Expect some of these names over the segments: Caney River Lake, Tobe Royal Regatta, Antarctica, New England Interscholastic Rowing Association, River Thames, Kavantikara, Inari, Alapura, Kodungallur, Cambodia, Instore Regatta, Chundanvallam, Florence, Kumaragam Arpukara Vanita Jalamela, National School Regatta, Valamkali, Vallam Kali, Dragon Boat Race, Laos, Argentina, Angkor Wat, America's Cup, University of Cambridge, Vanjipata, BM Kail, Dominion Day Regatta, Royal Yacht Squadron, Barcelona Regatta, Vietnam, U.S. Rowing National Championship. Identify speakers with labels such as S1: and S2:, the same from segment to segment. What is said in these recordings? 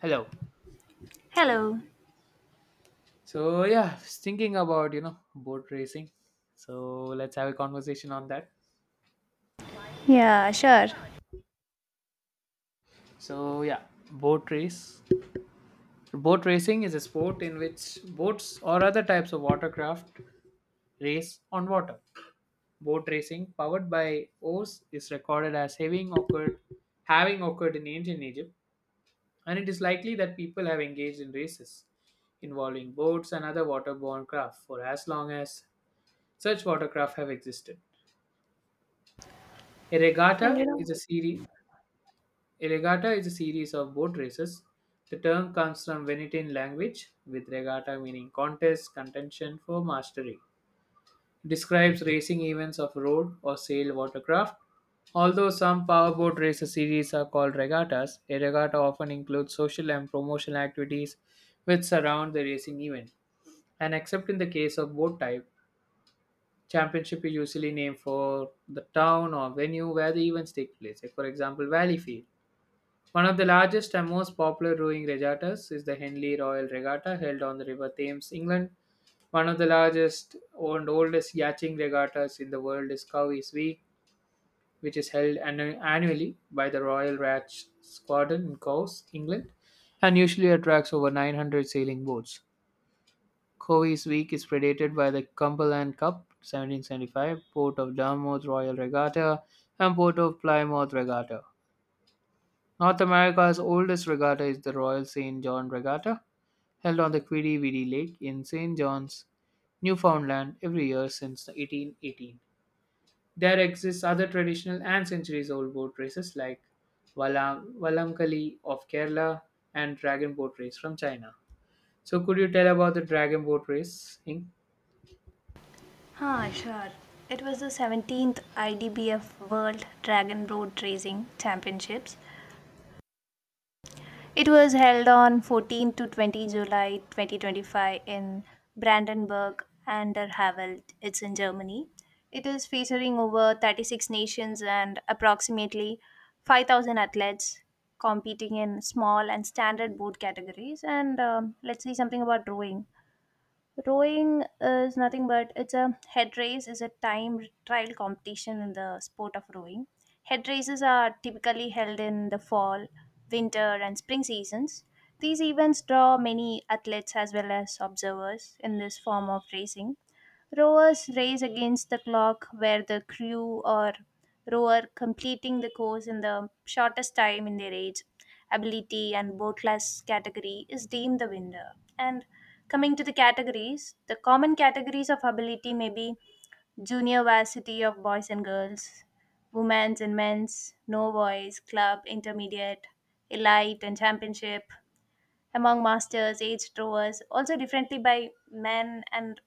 S1: Hello.
S2: Hello.
S1: So yeah, I was thinking about boat racing. So let's have a conversation on that.
S2: Yeah, sure.
S1: So yeah, boat race. Boat racing is a sport in which boats or other types of watercraft race on water. Boat racing, powered by oars, is recorded as having occurred in ancient Egypt, and it is likely that people have engaged in races involving boats and other waterborne craft for as long as such watercraft have existed. A
S2: And you
S1: regatta is
S2: know,
S1: a series. A regatta is a series of boat races. The term comes from Venetian language, with regatta meaning contest, contention for mastery. It describes racing events of road or sail watercraft. Although some powerboat races series are called regattas, a regatta often includes social and promotional activities which surround the racing event. And except in the case of boat type, championship is usually named for the town or venue where the events take place. Like for example, Valleyfield. One of the largest and most popular rowing regattas is the Henley Royal Regatta held on the River Thames, England. One of the largest and oldest yachting regattas in the world is Cowes Week, which is held annually by the Royal Yacht Squadron in Cowes, England, and usually attracts over 900 sailing boats. Covey's Week is predated by the Cumberland Cup (1775), Port of Dartmouth Royal Regatta, and Port of Plymouth Regatta. North America's oldest regatta is the Royal St. John Regatta, held on the Queequeg Lake in St. John's, Newfoundland, every year since 1818. There exists other traditional and centuries-old boat races like Vallamkali of Kerala and Dragon Boat Race from China. So, could you tell about the Dragon Boat Race, Inc.?
S2: sure. It was the 17th IDBF World Dragon Boat Racing Championships. It was held on 14 to 20 July 2025 in Brandenburg an der Havel. It's in Germany. It is featuring over 36 nations and approximately 5,000 athletes competing in small and standard boat categories. And Let's see something about rowing. Rowing is nothing but it's a head race is a time trial competition in the sport of rowing. Head races are typically held in the fall, winter and spring seasons. These events draw many athletes as well as observers in this form of racing. Rowers race against the clock, where the crew or rower completing the course in the shortest time in their age, ability, and boat class category is deemed the winner. And coming to the categories, the common categories of ability may be junior varsity of boys and girls, women's and men's, no boys, club, intermediate, elite, and championship among masters, aged rowers, also differently by men and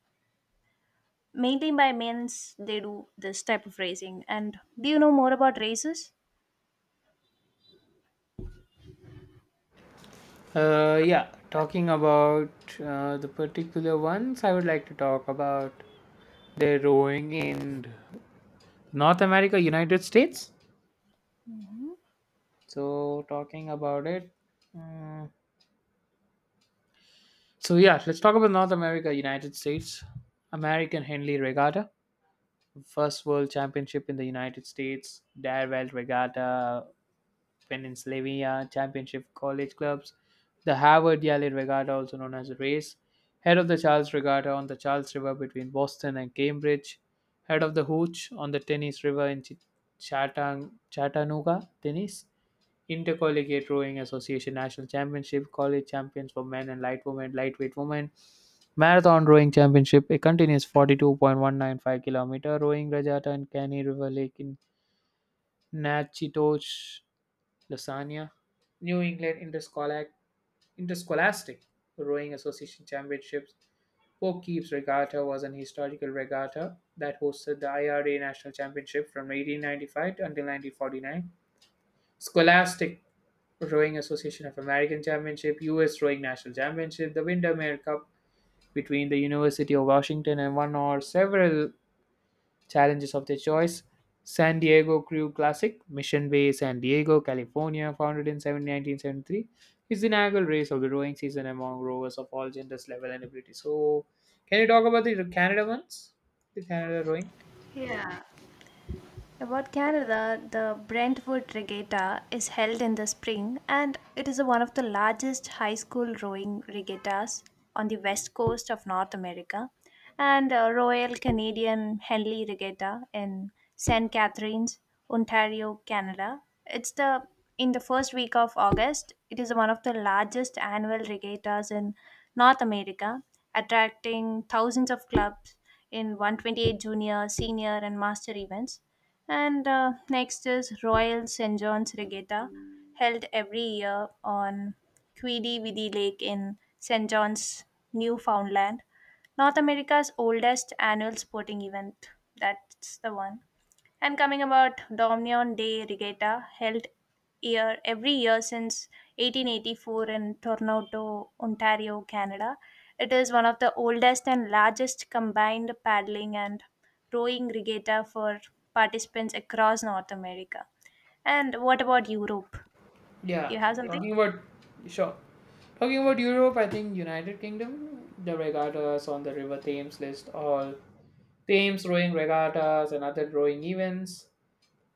S2: mainly by men's they do this type of racing. And do you know more about races?
S1: Yeah, talking about the particular ones, I would like to talk about the rowing in North America, United States. So, talking about it. mm, so, yeah, let's talk about North America, United States. American Henley Regatta, first world championship in the United States. Darewell Regatta, Pennsylvania Championship College Clubs, the Harvard Yale Regatta, also known as the race, head of the Charles Regatta on the Charles River between Boston and Cambridge, head of the Hooch on the Tennis River in Chattanooga, Tennis, Intercollegiate Rowing Association National Championship, College Champions for Men and Light Women, Lightweight Women, Marathon Rowing Championship, a continuous 42.195-kilometer rowing regatta in Caney River Lake in Natchitoches, Lasagna, New England Interscholastic Rowing Association Championships. Poughkeepsie Regatta was an historical regatta that hosted the IRA National Championship from 1895 until 1949. Scholastic Rowing Association of American Championship, U.S. Rowing National Championship, the Windermere Cup between the University of Washington and one or several challenges of their choice. San Diego Crew Classic, Mission Bay, San Diego, California, founded in 1973, is the inaugural race of the rowing season among rowers of all genders, level, and ability. So, can you talk about the Canada ones? The Canada rowing?
S2: About Canada, the Brentwood Regatta is held in the spring and it is one of the largest high school rowing regattas on the west coast of North America, and Royal Canadian Henley Regatta in St. Catharines, Ontario, Canada. It's the in the first week of August, it is one of the largest annual regattas in North America, attracting thousands of clubs in 128 junior, senior, and master events. And next is Royal St. John's Regatta, held every year on Quidi Vidi Lake in St. John's, Newfoundland. North America's oldest annual sporting event. That's the one. And coming about Dominion Day Regatta, held every year since 1884 in Toronto, Ontario, Canada, it is one of the oldest and largest combined paddling and rowing regatta for participants across North America. And what about Europe? Do
S1: Yeah,
S2: you have something?
S1: talking about sure. Talking about Europe, I think United Kingdom, the regattas on the River Thames list, all Thames rowing regattas and other rowing events.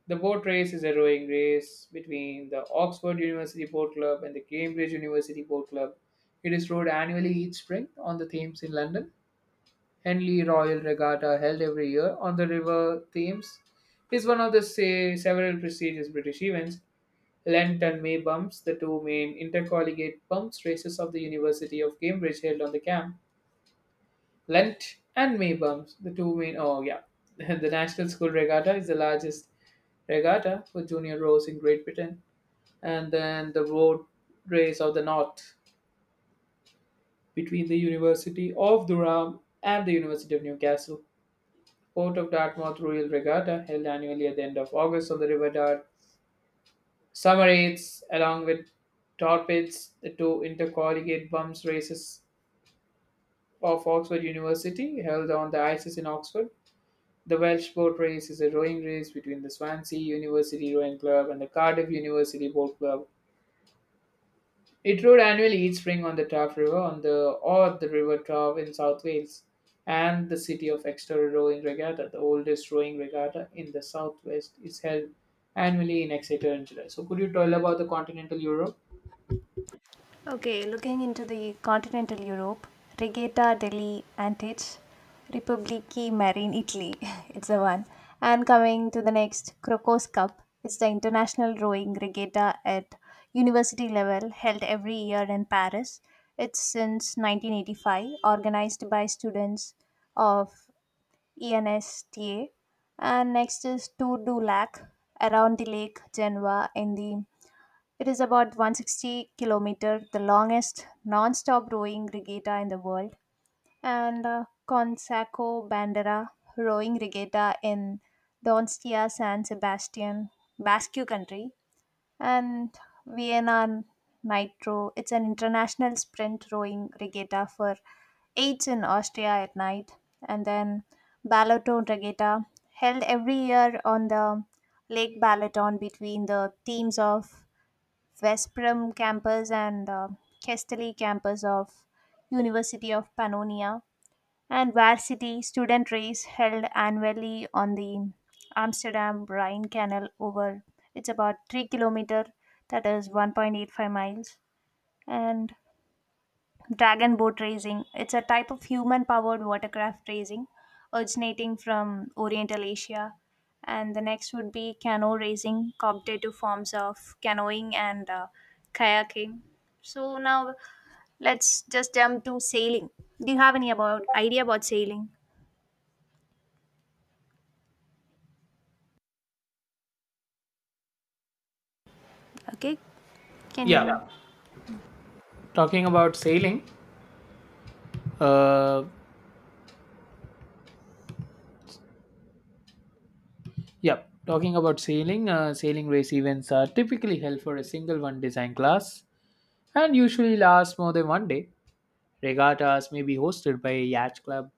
S1: The boat race is a rowing race between the Oxford University Boat Club and the Cambridge University Boat Club. It is rowed annually each spring on the Thames in London. Henley Royal Regatta, held every year on the River Thames, is one of the, say, several prestigious British events. Lent and May bumps, the two main intercollegiate bumps races of the University of Cambridge held on the camp, Lent and May bumps, the two main. Oh yeah, the National School Regatta is the largest regatta for junior rows in Great Britain, and then the Road Race of the North between the University of Durham and the University of Newcastle. Port of Dartmouth Royal Regatta held annually at the end of August on the River Dart. Summer Eights, along with Torpeds, the two intercollegiate bumps races of Oxford University held on the ices in Oxford. The Welsh Boat Race is a rowing race between the Swansea University Rowing Club and the Cardiff University Boat Club. It rowed annually each spring on the Taff River, on the, or the River Taff in South Wales, and the City of Exeter Rowing Regatta, the oldest rowing regatta in the southwest, is held annually in Exeter in July. So, could you tell about the continental Europe?
S2: Okay, looking into the continental Europe, Regatta deli Antiche, Republiki Marine Italy, it's the one. And coming to the next, Crocos Cup, it's the international rowing regatta at university level held every year in Paris. It's since 1985, organized by students of ENSTA. And next is Tour du Lac around the Lake Geneva in the it is about 160 kilometer, the longest non-stop rowing regatta in the world, and Conseco Bandera rowing regatta in Donostia San Sebastian, Basque Country, and Vienna Nitro. It's an international sprint rowing regatta for eights in Austria at night. And then Balaton Regatta held every year on the Lake Balaton between the teams of Vesprum campus and Castelli campus of University of Pannonia and varsity student race held annually on the Amsterdam Rhine Canal over it's about 3 kilometer that is 1.85 miles. And Dragon boat racing, it's a type of human powered watercraft racing originating from Oriental Asia. And the next would be canoe racing, competitive forms of canoeing and kayaking. So now let's just jump to sailing. Do you have any about idea about sailing? Okay, can Yeah,
S1: Yeah,
S2: you?
S1: talking about sailing. Uh, yeah, talking about sailing. Sailing race events are typically held for a single one design class and usually lasts more than one day. Regattas may be hosted by a yacht club,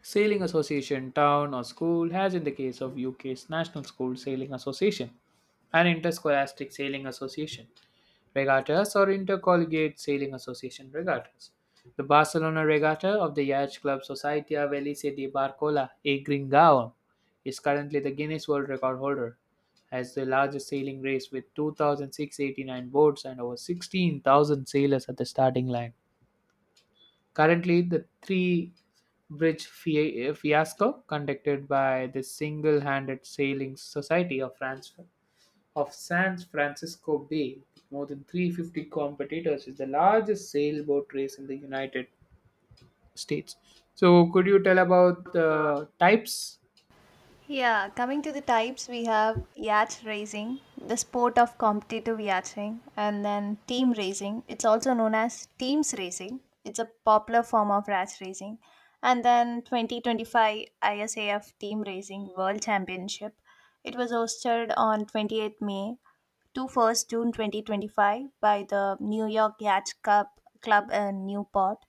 S1: sailing association, town, or school, as in the case of UK's National School Sailing Association, an Interscholastic Sailing Association, regattas or intercollegiate sailing association regattas. The Barcelona Regatta of the Yacht Club Società Felice di Barcola e Gringao is currently the Guinness World Record holder as the largest sailing race with 2,689 boats and over 16,000 sailors at the starting line. Currently, the three bridge fiasco conducted by the Single Handed Sailing Society of France of San Francisco Bay with more than 350 competitors is the largest sailboat race in the United States. So, could you tell about the types
S2: Yeah, coming to the types, we have yacht racing, the sport of competitive yachting, and then team racing. It's also known as teams racing. It's a popular form of yacht racing. And then 2025 ISAF Team Racing World Championship. It was hosted on 28 May to 1st June 2025 by the New York Yacht Club, in Newport.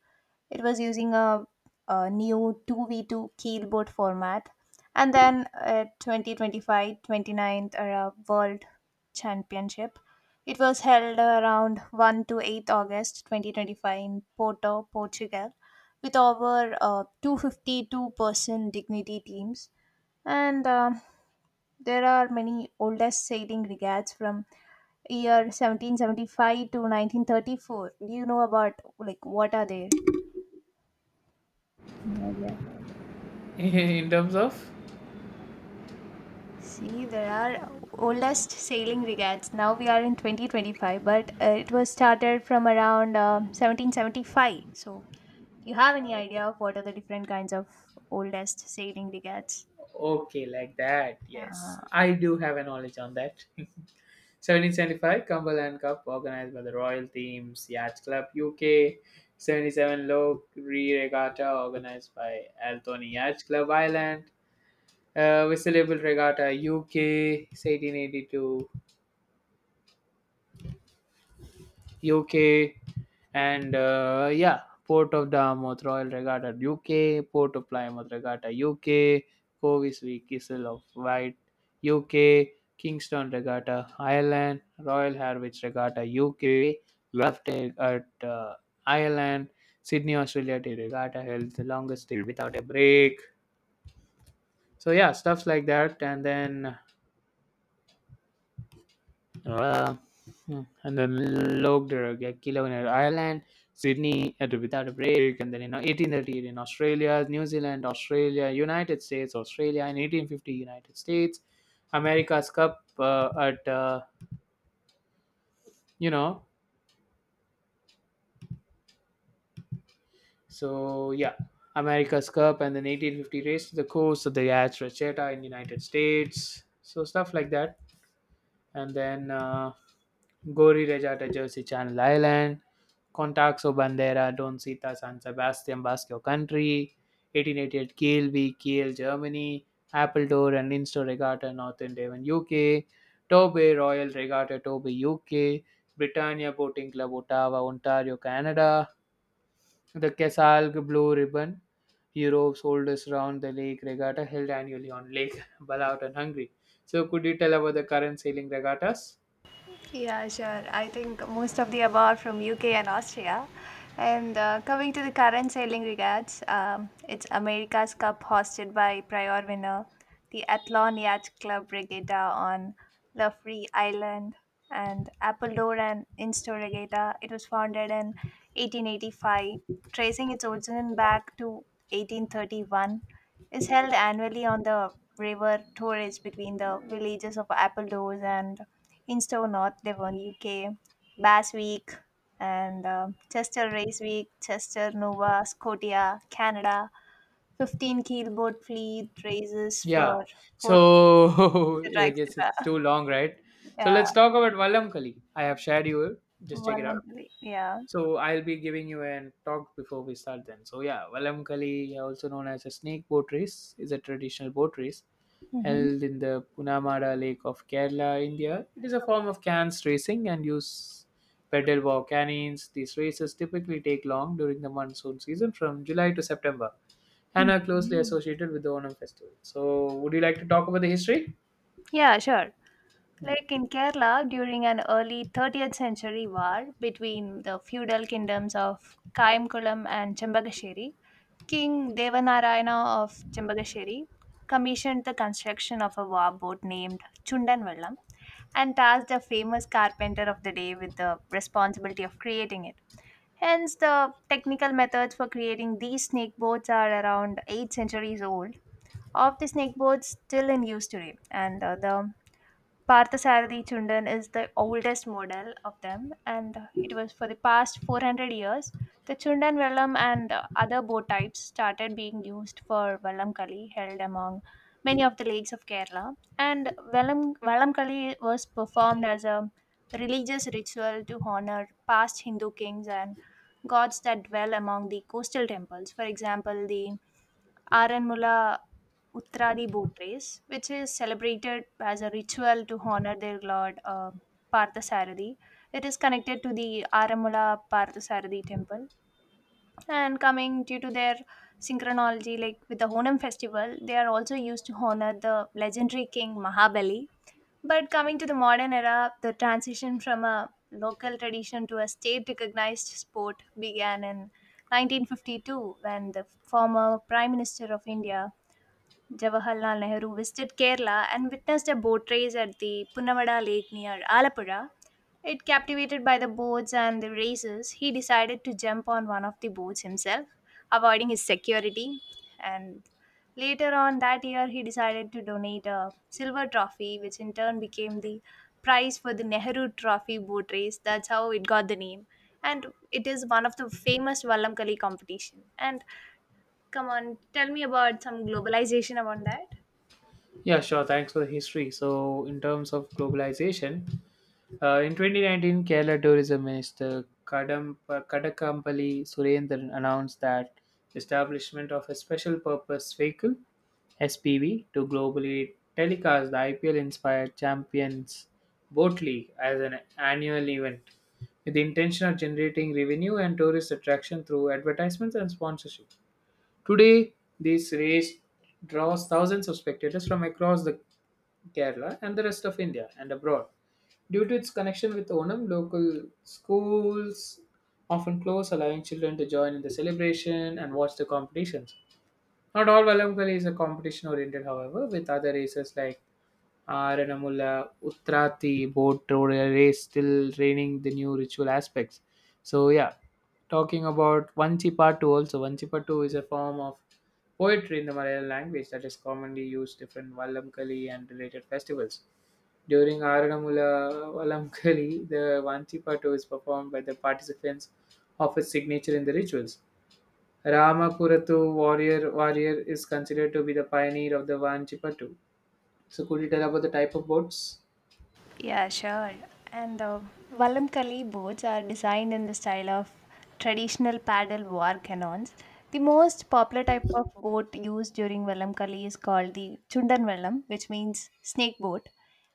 S2: It was using a new 2v2 keelboard format. And then at 2025 29th Arab World Championship, it was held around 1 to 8th August 2025 in Porto, Portugal, with over 252-person dignity teams. And There are many oldest sailing regatas from year 1775 to 1934. Do you know about like what are they? Yeah,
S1: in terms of?
S2: see, there are oldest sailing regattes. Now we are in 2025, but it was started from around 1775. So, do you have any idea of what are the different kinds of oldest sailing regattes?
S1: Okay,
S2: Okay.
S1: like that.
S2: Uh,
S1: Yes, I do have a knowledge on that. 1775 Cumberland Cup, organized by the Royal Thames Yacht Club, UK. 77 Low Re Regatta, organized by Altony Yacht Club Island. Whistleable Regatta, UK. 1882, UK, and Port of Dartmouth Royal Regatta UK, Port of Plymouth Regatta UK, Coventry Kissel of Wight UK, Kingston Regatta Ireland, Royal Harwich Regatta UK, left at Ireland, Sydney Australia Day Regatta held the longest day without a break. So yeah, stuffs like that, and then. Uh, hmm. And then logged a kilo in Ireland, Sydney and without a break, and then in 1838 in Australia, New Zealand, Australia, United States, Australia, in 1850 United States, America's Cup at you know, so yeah, America's Cup, and then 1850 race to the coast of the Yacht Racheta in United States, so stuff like that, and then. Gori Rejata Jersey Channel Island, Contacto Bandera Don Sita San Sebastian Basque Country, 1888 Kiel v Kiel Germany, Appledore and Insto Regatta Northern Devon UK, Tobe Royal Regatta Tobe UK, Britannia Boating Club Ottawa Ontario Canada, the Kesalg Blue Ribbon, Europe's oldest round the lake regatta held annually on Lake Balaut and Hungary. So could you tell about the current sailing regattas?
S2: Yeah, sure. I think most of the above from UK and Austria. And coming to the current sailing regatas, it's America's Cup hosted by prior winner, the Athlon Yacht Club Regatta on Lafree Island, and Appledore and Instore Regatta. It was founded in 1885, tracing its origin back to 1831, is held annually on the river Torres between the villages of Appledore and Instow, North Devon, UK, Bass Week, and Chester Race Week, Chester, Nova Scotia, Canada, 15 keelboat fleet races
S1: Yeah.
S2: for four,
S1: So
S2: etc.,
S1: I guess it's
S2: etc.
S1: too long, right? So
S2: Yeah,
S1: let's talk about Vallam Kali. I have shared you. Just check it out.
S2: voluntarily. Yeah.
S1: So I'll be giving you an talk before we start then. So yeah, Vallam Kali, also known as a snake boat race, is a traditional boat race
S2: Mhm.
S1: held in the Punamada Lake of Kerala, India. It is a form of cans racing and use pedal walk cannons. These races typically take long during the monsoon season from July to September and are closely
S2: Mhm.
S1: associated with the Onam festival. So, would you like to talk about the history?
S2: Yeah, sure.
S1: Hmm.
S2: Like in Kerala, during an early 30th century war between the feudal kingdoms of Kaimkulam and Chambagasheri, King Devanarayana of Chambagasheri commissioned the construction of a war boat named Chundanvallam and tasked a famous carpenter of the day with the responsibility of creating it. Hence, the technical methods for creating these snake boats are around 8 centuries old. Of the snake boats still in use today, and the Parthasarathi Chundan is the oldest model of them, and it was for the past 400 years. The Chundan vellum and other bow types started being used for vellum kali held among many of the lakes of Kerala, and vellum kali was performed as a religious ritual to honor past Hindu kings and gods that dwell among the coastal temples. For example, the Aranmula Uttradi boat race, which is celebrated as a ritual to honor their lord Parthasarathi. It is connected to the Aranmula Parthasarathi temple. And coming due to their synchronology, like with the Honam festival, they are also used to honor the legendary king Mahabali. But coming to the modern era, the transition from a local tradition to a state recognized sport began in 1952 when the former Prime Minister of India Jawaharlal Nehru visited Kerala and witnessed a boat race at the Punavada Lake near Alapura. It captivated by the boats and the races, he decided to jump on one of the boats himself, avoiding his security. And later on that year, he decided to donate a silver trophy, which in turn became the prize for the Nehru Trophy boat race. That's how it got the name. And it is one of the famous Vallamkali competition. And come on, tell me about some globalization about that.
S1: Yeah, sure. Thanks for the history. So, in terms of globalization, in 2019, Kerala Tourism Minister Kadam, Kadakampally Surendran announced that the establishment of a special purpose vehicle, SPV, to globally telecast the IPL inspired Champions Boat League as an annual event with the intention of generating revenue and tourist attraction through advertisements and sponsorship. Today, this race draws thousands of spectators from across the Kerala and the rest of India and abroad. Due to its connection with Onam, local schools often close, allowing children to join in the celebration and watch the competitions. Not all Valamkali is a competition oriented, however, with other races like Aranamula, Utrathi boat road race still training the new ritual aspects. So yeah, talking about Vanchipattu also. Vanchipattu is a form of poetry in the Malayalam language that is commonly used in Vallamkali and related festivals. During Aranamula Vallamkali, the Vanchipattu is performed by the participants of a signature in the rituals. Ramakuratu warrior is considered to be the pioneer of the Vanchipattu. So could you tell about the type of boats?
S2: Yeah, sure. And the Valamkali boats are designed in the style of traditional paddle war cannons. The most popular type of boat used during Valamkali is called the Chundan Valam, which means snake boat.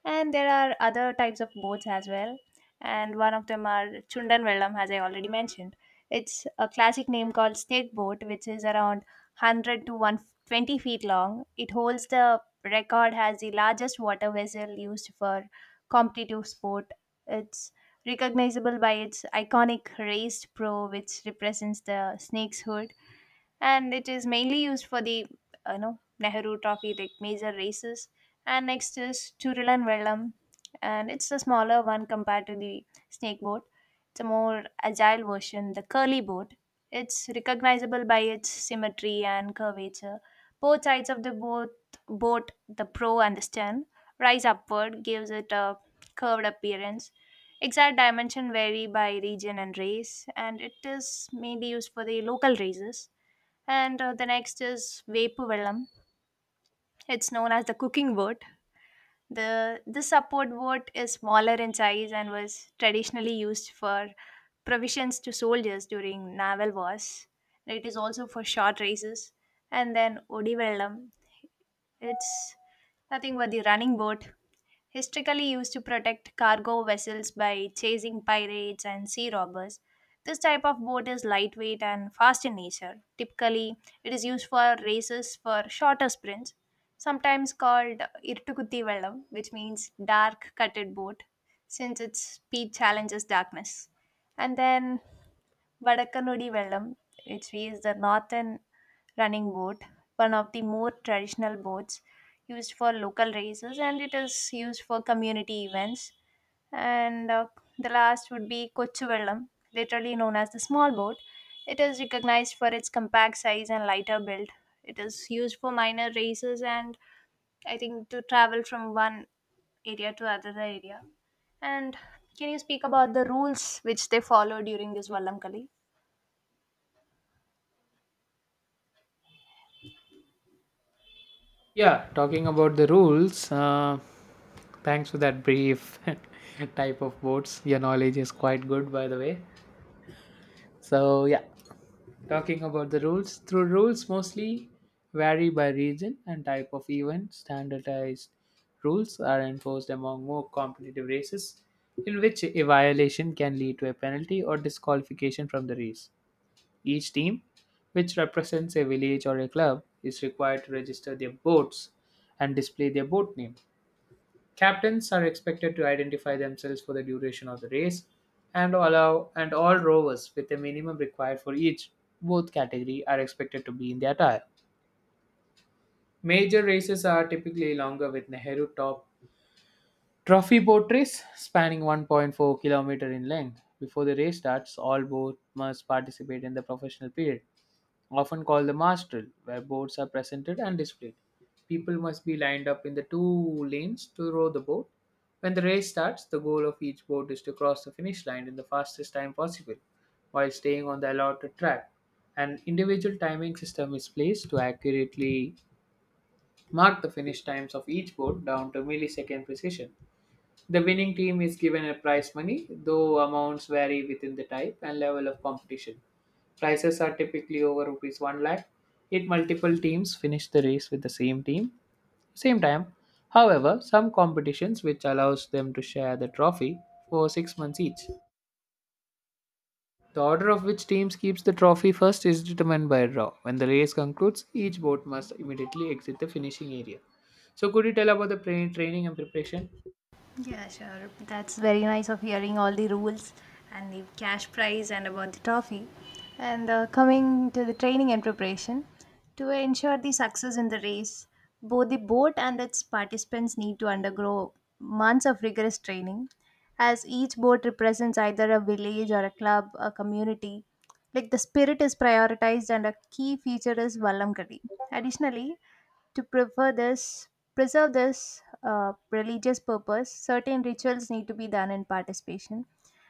S2: And there are other types of boats as well, and one of them are Chundan Vellam, as I already mentioned. It's a classic name called snake boat, which is around 100 to 120 feet long. It holds the record as the largest water vessel used for competitive sport. It's recognizable by its iconic raised prow, which represents the snake's hood, and it is mainly used for the Nehru Trophy like major races. And next is Churulan Vellam, and it's a smaller one compared to the snake boat. It's a more agile version, the curly boat. It's recognizable by its symmetry and curvature. Both sides of the boat, the prow and the stern rise upward, gives it a curved appearance. Exact dimension vary by region and race, and it is mainly used for the local races. And the next is Vepu Vellam. It's known as the cooking word. The this support boat is smaller in size and was traditionally used for provisions to soldiers during naval wars. It is also for short races. And then Odivellam, it's nothing but the running boat, historically used to protect cargo vessels by chasing pirates and sea robbers. This type of boat is lightweight and fast in nature. Typically, it is used for races for shorter sprints, sometimes called Irtukutti Velam, which means dark cutted boat, since its speed challenges darkness. And then Vadakanudi Velam, which is the northern running boat, one of the more traditional boats used for local races, and it is used for community events. And the last would be Kochu Velam, literally known as the small boat. It is recognized for its compact size and lighter build. It is used for minor races and, I think, to travel from one area to other area. And can you speak about the rules which they follow during this Vallam Kali?
S1: Yeah, talking about the rules, thanks for that brief type of boats. Your knowledge is quite good, by the way. So, yeah, talking about the rules, through rules mostly vary by region and type of event. Standardized rules are enforced among more competitive races, in which a violation can lead to a penalty or disqualification from the race. Each team, which represents a village or a club, is required to register their boats and display their boat name. Captains are expected to identify themselves for the duration of the race, and allow and all rowers with a minimum required for each both category are expected to be in the attire. Major races are typically longer, with Nehru Top Trophy boat race spanning 1.4 kilometer in length. Before the race starts, all boats must participate in the professional period, often called the Mastral, where boats are presented and displayed. People must be lined up in the two lanes to row the boat. When the race starts, the goal of each boat is to cross the finish line in the fastest time possible while staying on the allotted track. An individual timing system is placed to accurately mark the finish times of each boat down to millisecond precision. The winning team is given a prize money, though amounts vary within the type and level of competition. Prices are typically over rupees 1 lakh. If multiple teams finish the race with the same team, same time. However, some competitions which allows them to share the trophy for 6 months each. The order of which teams keeps the trophy first is determined by a draw. When the race concludes, each boat must immediately exit the finishing area. So could you tell about the training and preparation?
S2: Yeah, sure. That's very nice of hearing all the rules and the cash prize and about the trophy. And coming to the training and preparation, to ensure the success in the race, both the boat and its participants need to undergo months of rigorous training, as each boat represents either a village or a club, a community. Like the spirit is prioritized, and a key feature is Vallam Kadi. Additionally, to preserve this religious purpose, certain rituals need to be done in participation,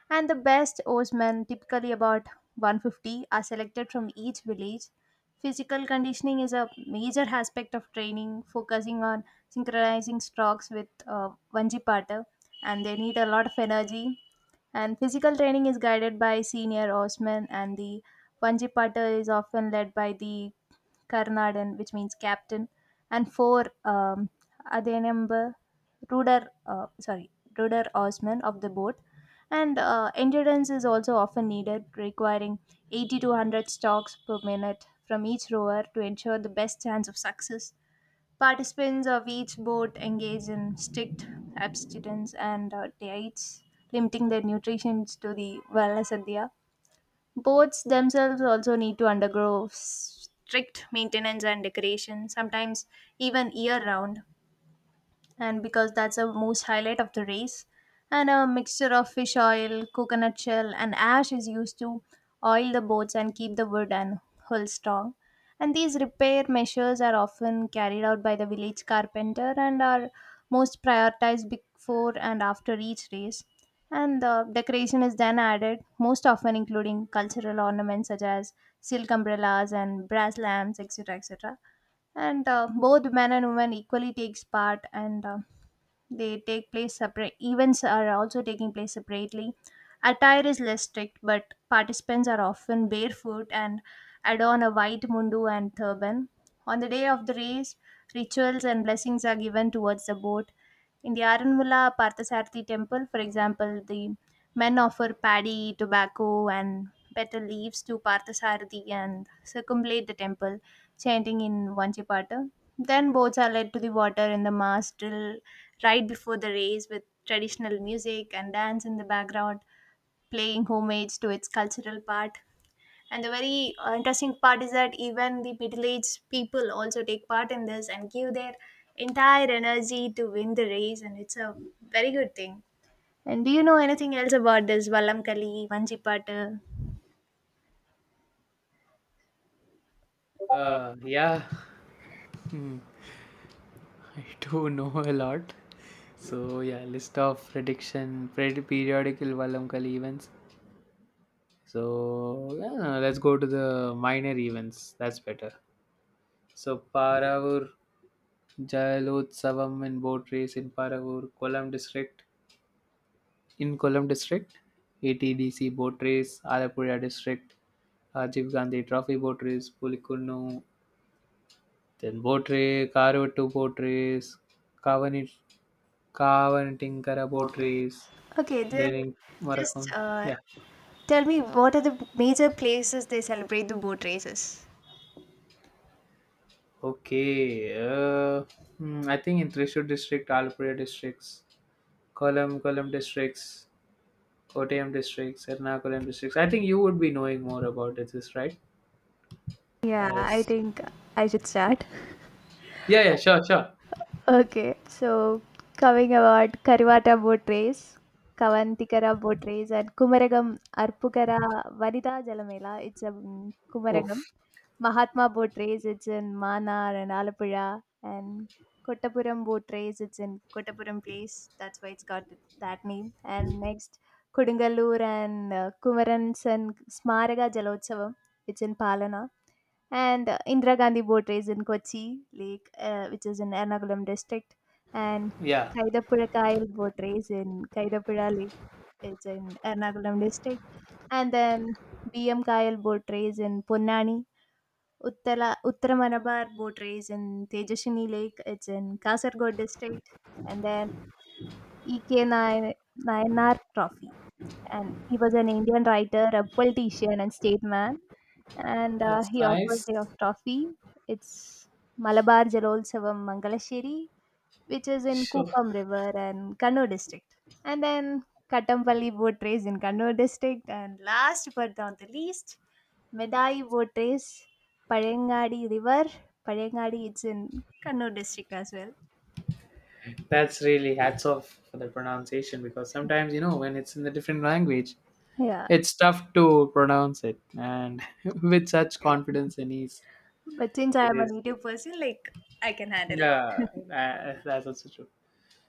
S2: and the best oarsmen, typically about 150, are selected from each village. Physical conditioning is a major aspect of training, focusing on synchronizing strokes with Vanjipata, and they need a lot of energy. And physical training is guided by senior oarsmen, and the Vanjipata is often led by the Karnadan, which means captain and four Adenumber Ruder, sorry, Ruder Osman of the boat. And endurance is also often needed, requiring 80 to 100 strokes per minute from each rower to ensure the best chance of success. Participants of each boat engage in strict abstinence and diets, limiting their nutrition to the Valasadhya. Boats themselves also need to undergo strict maintenance and decoration, sometimes even year round, and because that's the most highlight of the race. And a mixture of fish oil, coconut shell, and ash is used to oil the boats and keep the wood and hull strong. And these repair measures are often carried out by the village carpenter and are most prioritized before and after each race. And the decoration is then added, most often including cultural ornaments such as silk umbrellas and brass lamps, etc. etc. And both men and women equally takes part, and they take place, separate events are also taking place separately. Attire is less strict, but participants are often barefoot and adorn a white mundu and turban. On the day of the race, rituals and blessings are given towards the boat. In the Aranmula Parthasarathi temple, for example, the men offer paddy, tobacco, and betel leaves to Parthasarathi and circumambulate the temple, chanting in Vanchipata. Then boats are led to the water in the mass drill right before the race with traditional music and dance in the background, playing homage to its cultural part. And the very interesting part is that even the middle aged people also take part in this and give their entire energy to win the race, and it's a very good thing. And do you know anything else about this Vallamkali, Vanjipattu? uh,
S1: Yeah. Hmm. I do know a lot. So yeah, list of periodical Valamkali events. So yeah, no, let's go to the minor events. That's better. So Paravur Jayalotsavam and boat race in Paravur, Kolam district. In Kolam district, ATDC boat race, Alapura district, Rajiv Gandhi Trophy boat race, Pulikunnu, then boat race, Karuvattu boat race, Kavani Kavanitingara boat
S2: Poetry.
S1: race.
S2: Okay, then
S1: Then in
S2: just
S1: Marakum. Yeah.
S2: tell me, what are the major places they celebrate the boat races?
S1: Okay. Hmm, I think in Thrissur district, Alpura districts, Kollam districts, Kottayam districts, Ernakulam districts. I think you would be knowing more about it, is right?
S2: Yeah, I
S1: As
S2: think I should start.
S1: yeah, yeah, sure, sure.
S2: Okay, so coming about Karivata boat race, Kavantikara boat race, and Kumaragam Arpukara Vanita Jalamela. It's a Kumaragam.
S1: Oof.
S2: Mahatma boat race, it's in Manar and Alapuzha, and Kottapuram boat race, it's in Kottapuram place. That's why it's got that name. And next, Kodungallur and Kumarans and Smaraga Jalotsavam, it's in Palana. And Indira Gandhi boat race in Kochi Lake, which is in Ernakulam district. And
S1: Yeah,
S2: Kaidapura Kail boat race in Kaidapura Lake, it's in Ernakulam district. And then BM Kail boat race in Ponnani Uttala, Uttara Malabar boat race in Tejashini Lake. It's in Kasargod district. And then E.K. Nay- Nayanar Trophy. And he was an Indian writer, a politician, and statesman. And
S1: that's
S2: he offers
S1: nice.
S2: the trophy. It's Malabar Jalolsevam Mangalasheri, which is in
S1: Sure.
S2: Kupam River and Kannur district. And then Katampally boat race in Kannur district. And last but not the least, Medai boat race, Parangadi River. Parangadi, it's in Kannur district as well.
S1: That's really hats off for the pronunciation because sometimes you know when it's in a different language,
S2: Yeah.
S1: it's tough to pronounce it, and with such confidence and ease,
S2: But since I
S1: it
S2: am a
S1: is.
S2: native person, like, I can handle it.
S1: Yeah, that's also true.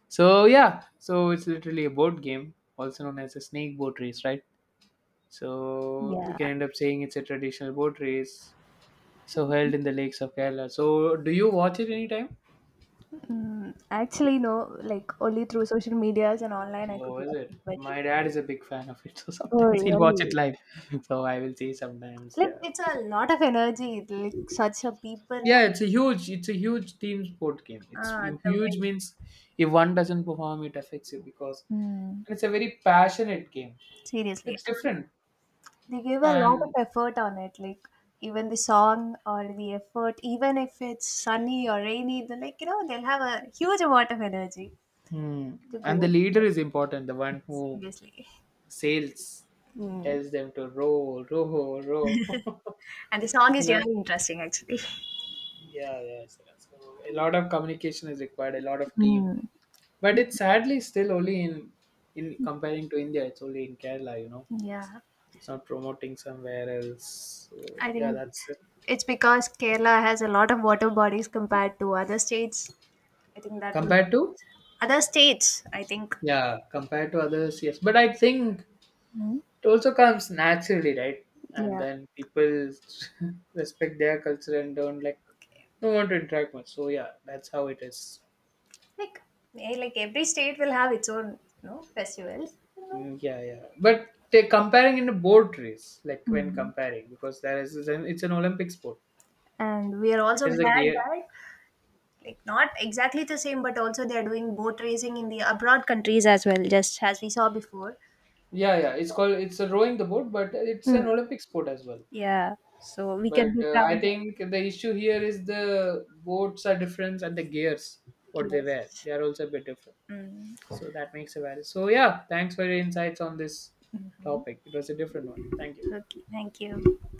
S1: So yeah, so it's literally a board game, also known as a snake boat race, right? So we
S2: Yeah.
S1: can end up saying it's a traditional boat race, so held in the lakes of Kerala. So do you watch it anytime?
S2: Mm, actually, no. Like, only through social medias and online, I could
S1: Oh, is
S2: watch
S1: it?
S2: it. But
S1: My dad is a big fan of it, so
S2: oh,
S1: sometimes he'll watch it
S2: really?
S1: live. So I will say sometimes,
S2: Like,
S1: yeah.
S2: it's a lot of energy. Like such a people.
S1: Yeah, it's a huge team sport game. It's
S2: Ah, the
S1: huge
S2: way.
S1: means if one doesn't perform, it affects you because
S2: Mm,
S1: and it's a very passionate game.
S2: seriously.
S1: It's
S2: And
S1: different
S2: they give a lot of
S1: and
S2: effort on it, like even the song or the effort, even if it's sunny or rainy, they're like, you know, they'll have a huge amount of energy
S1: hmm,
S2: to
S1: and the
S2: go.
S1: leader is important, the one who
S2: Seriously.
S1: sails,
S2: Mm.
S1: tells them to row, row, row.
S2: And the song is
S1: Well,
S2: really interesting, actually.
S1: yeah, yes. So a lot of communication is required, a lot of team,
S2: Mm.
S1: but it's sadly still only in comparing to India, it's only in Kerala, you know,
S2: Yeah.
S1: it's not promoting somewhere else. So
S2: I
S1: yeah,
S2: think
S1: that's it.
S2: it's because Kerala has a lot of water bodies compared to other states. I think that would,
S1: Compared to,
S2: other states, I think.
S1: yeah, compared to others, yes, but I think
S2: Mm.
S1: it also comes naturally, right? And
S2: Yeah.
S1: then people respect their culture and don't like,
S2: Okay.
S1: don't want to interact much. So yeah, that's how it is.
S2: Like, eh, like every state will have its own, you know, festivals, you know.
S1: Mm, yeah, yeah, but they comparing in a boat race, like, when
S2: Hmm.
S1: comparing, because there is it's an Olympic sport.
S2: And we are also
S1: It's a
S2: glad
S1: gear.
S2: that like not exactly the same but also they are doing boat racing in the abroad countries as well just as we saw before,
S1: Yeah, yeah,
S2: so,
S1: it's a rowing the boat, but it's
S2: hmm.
S1: an Olympic sport as well.
S2: Yeah. So we can
S1: But
S2: be
S1: I
S2: proud that
S1: think the issue here is the boats are different and the gears, what they wear,
S2: yes.
S1: they are also a bit different.
S2: Mm.
S1: So that makes a value. So yeah, thanks for your insights on this topic. It was a different one. Thank you.
S2: Okay, thank you.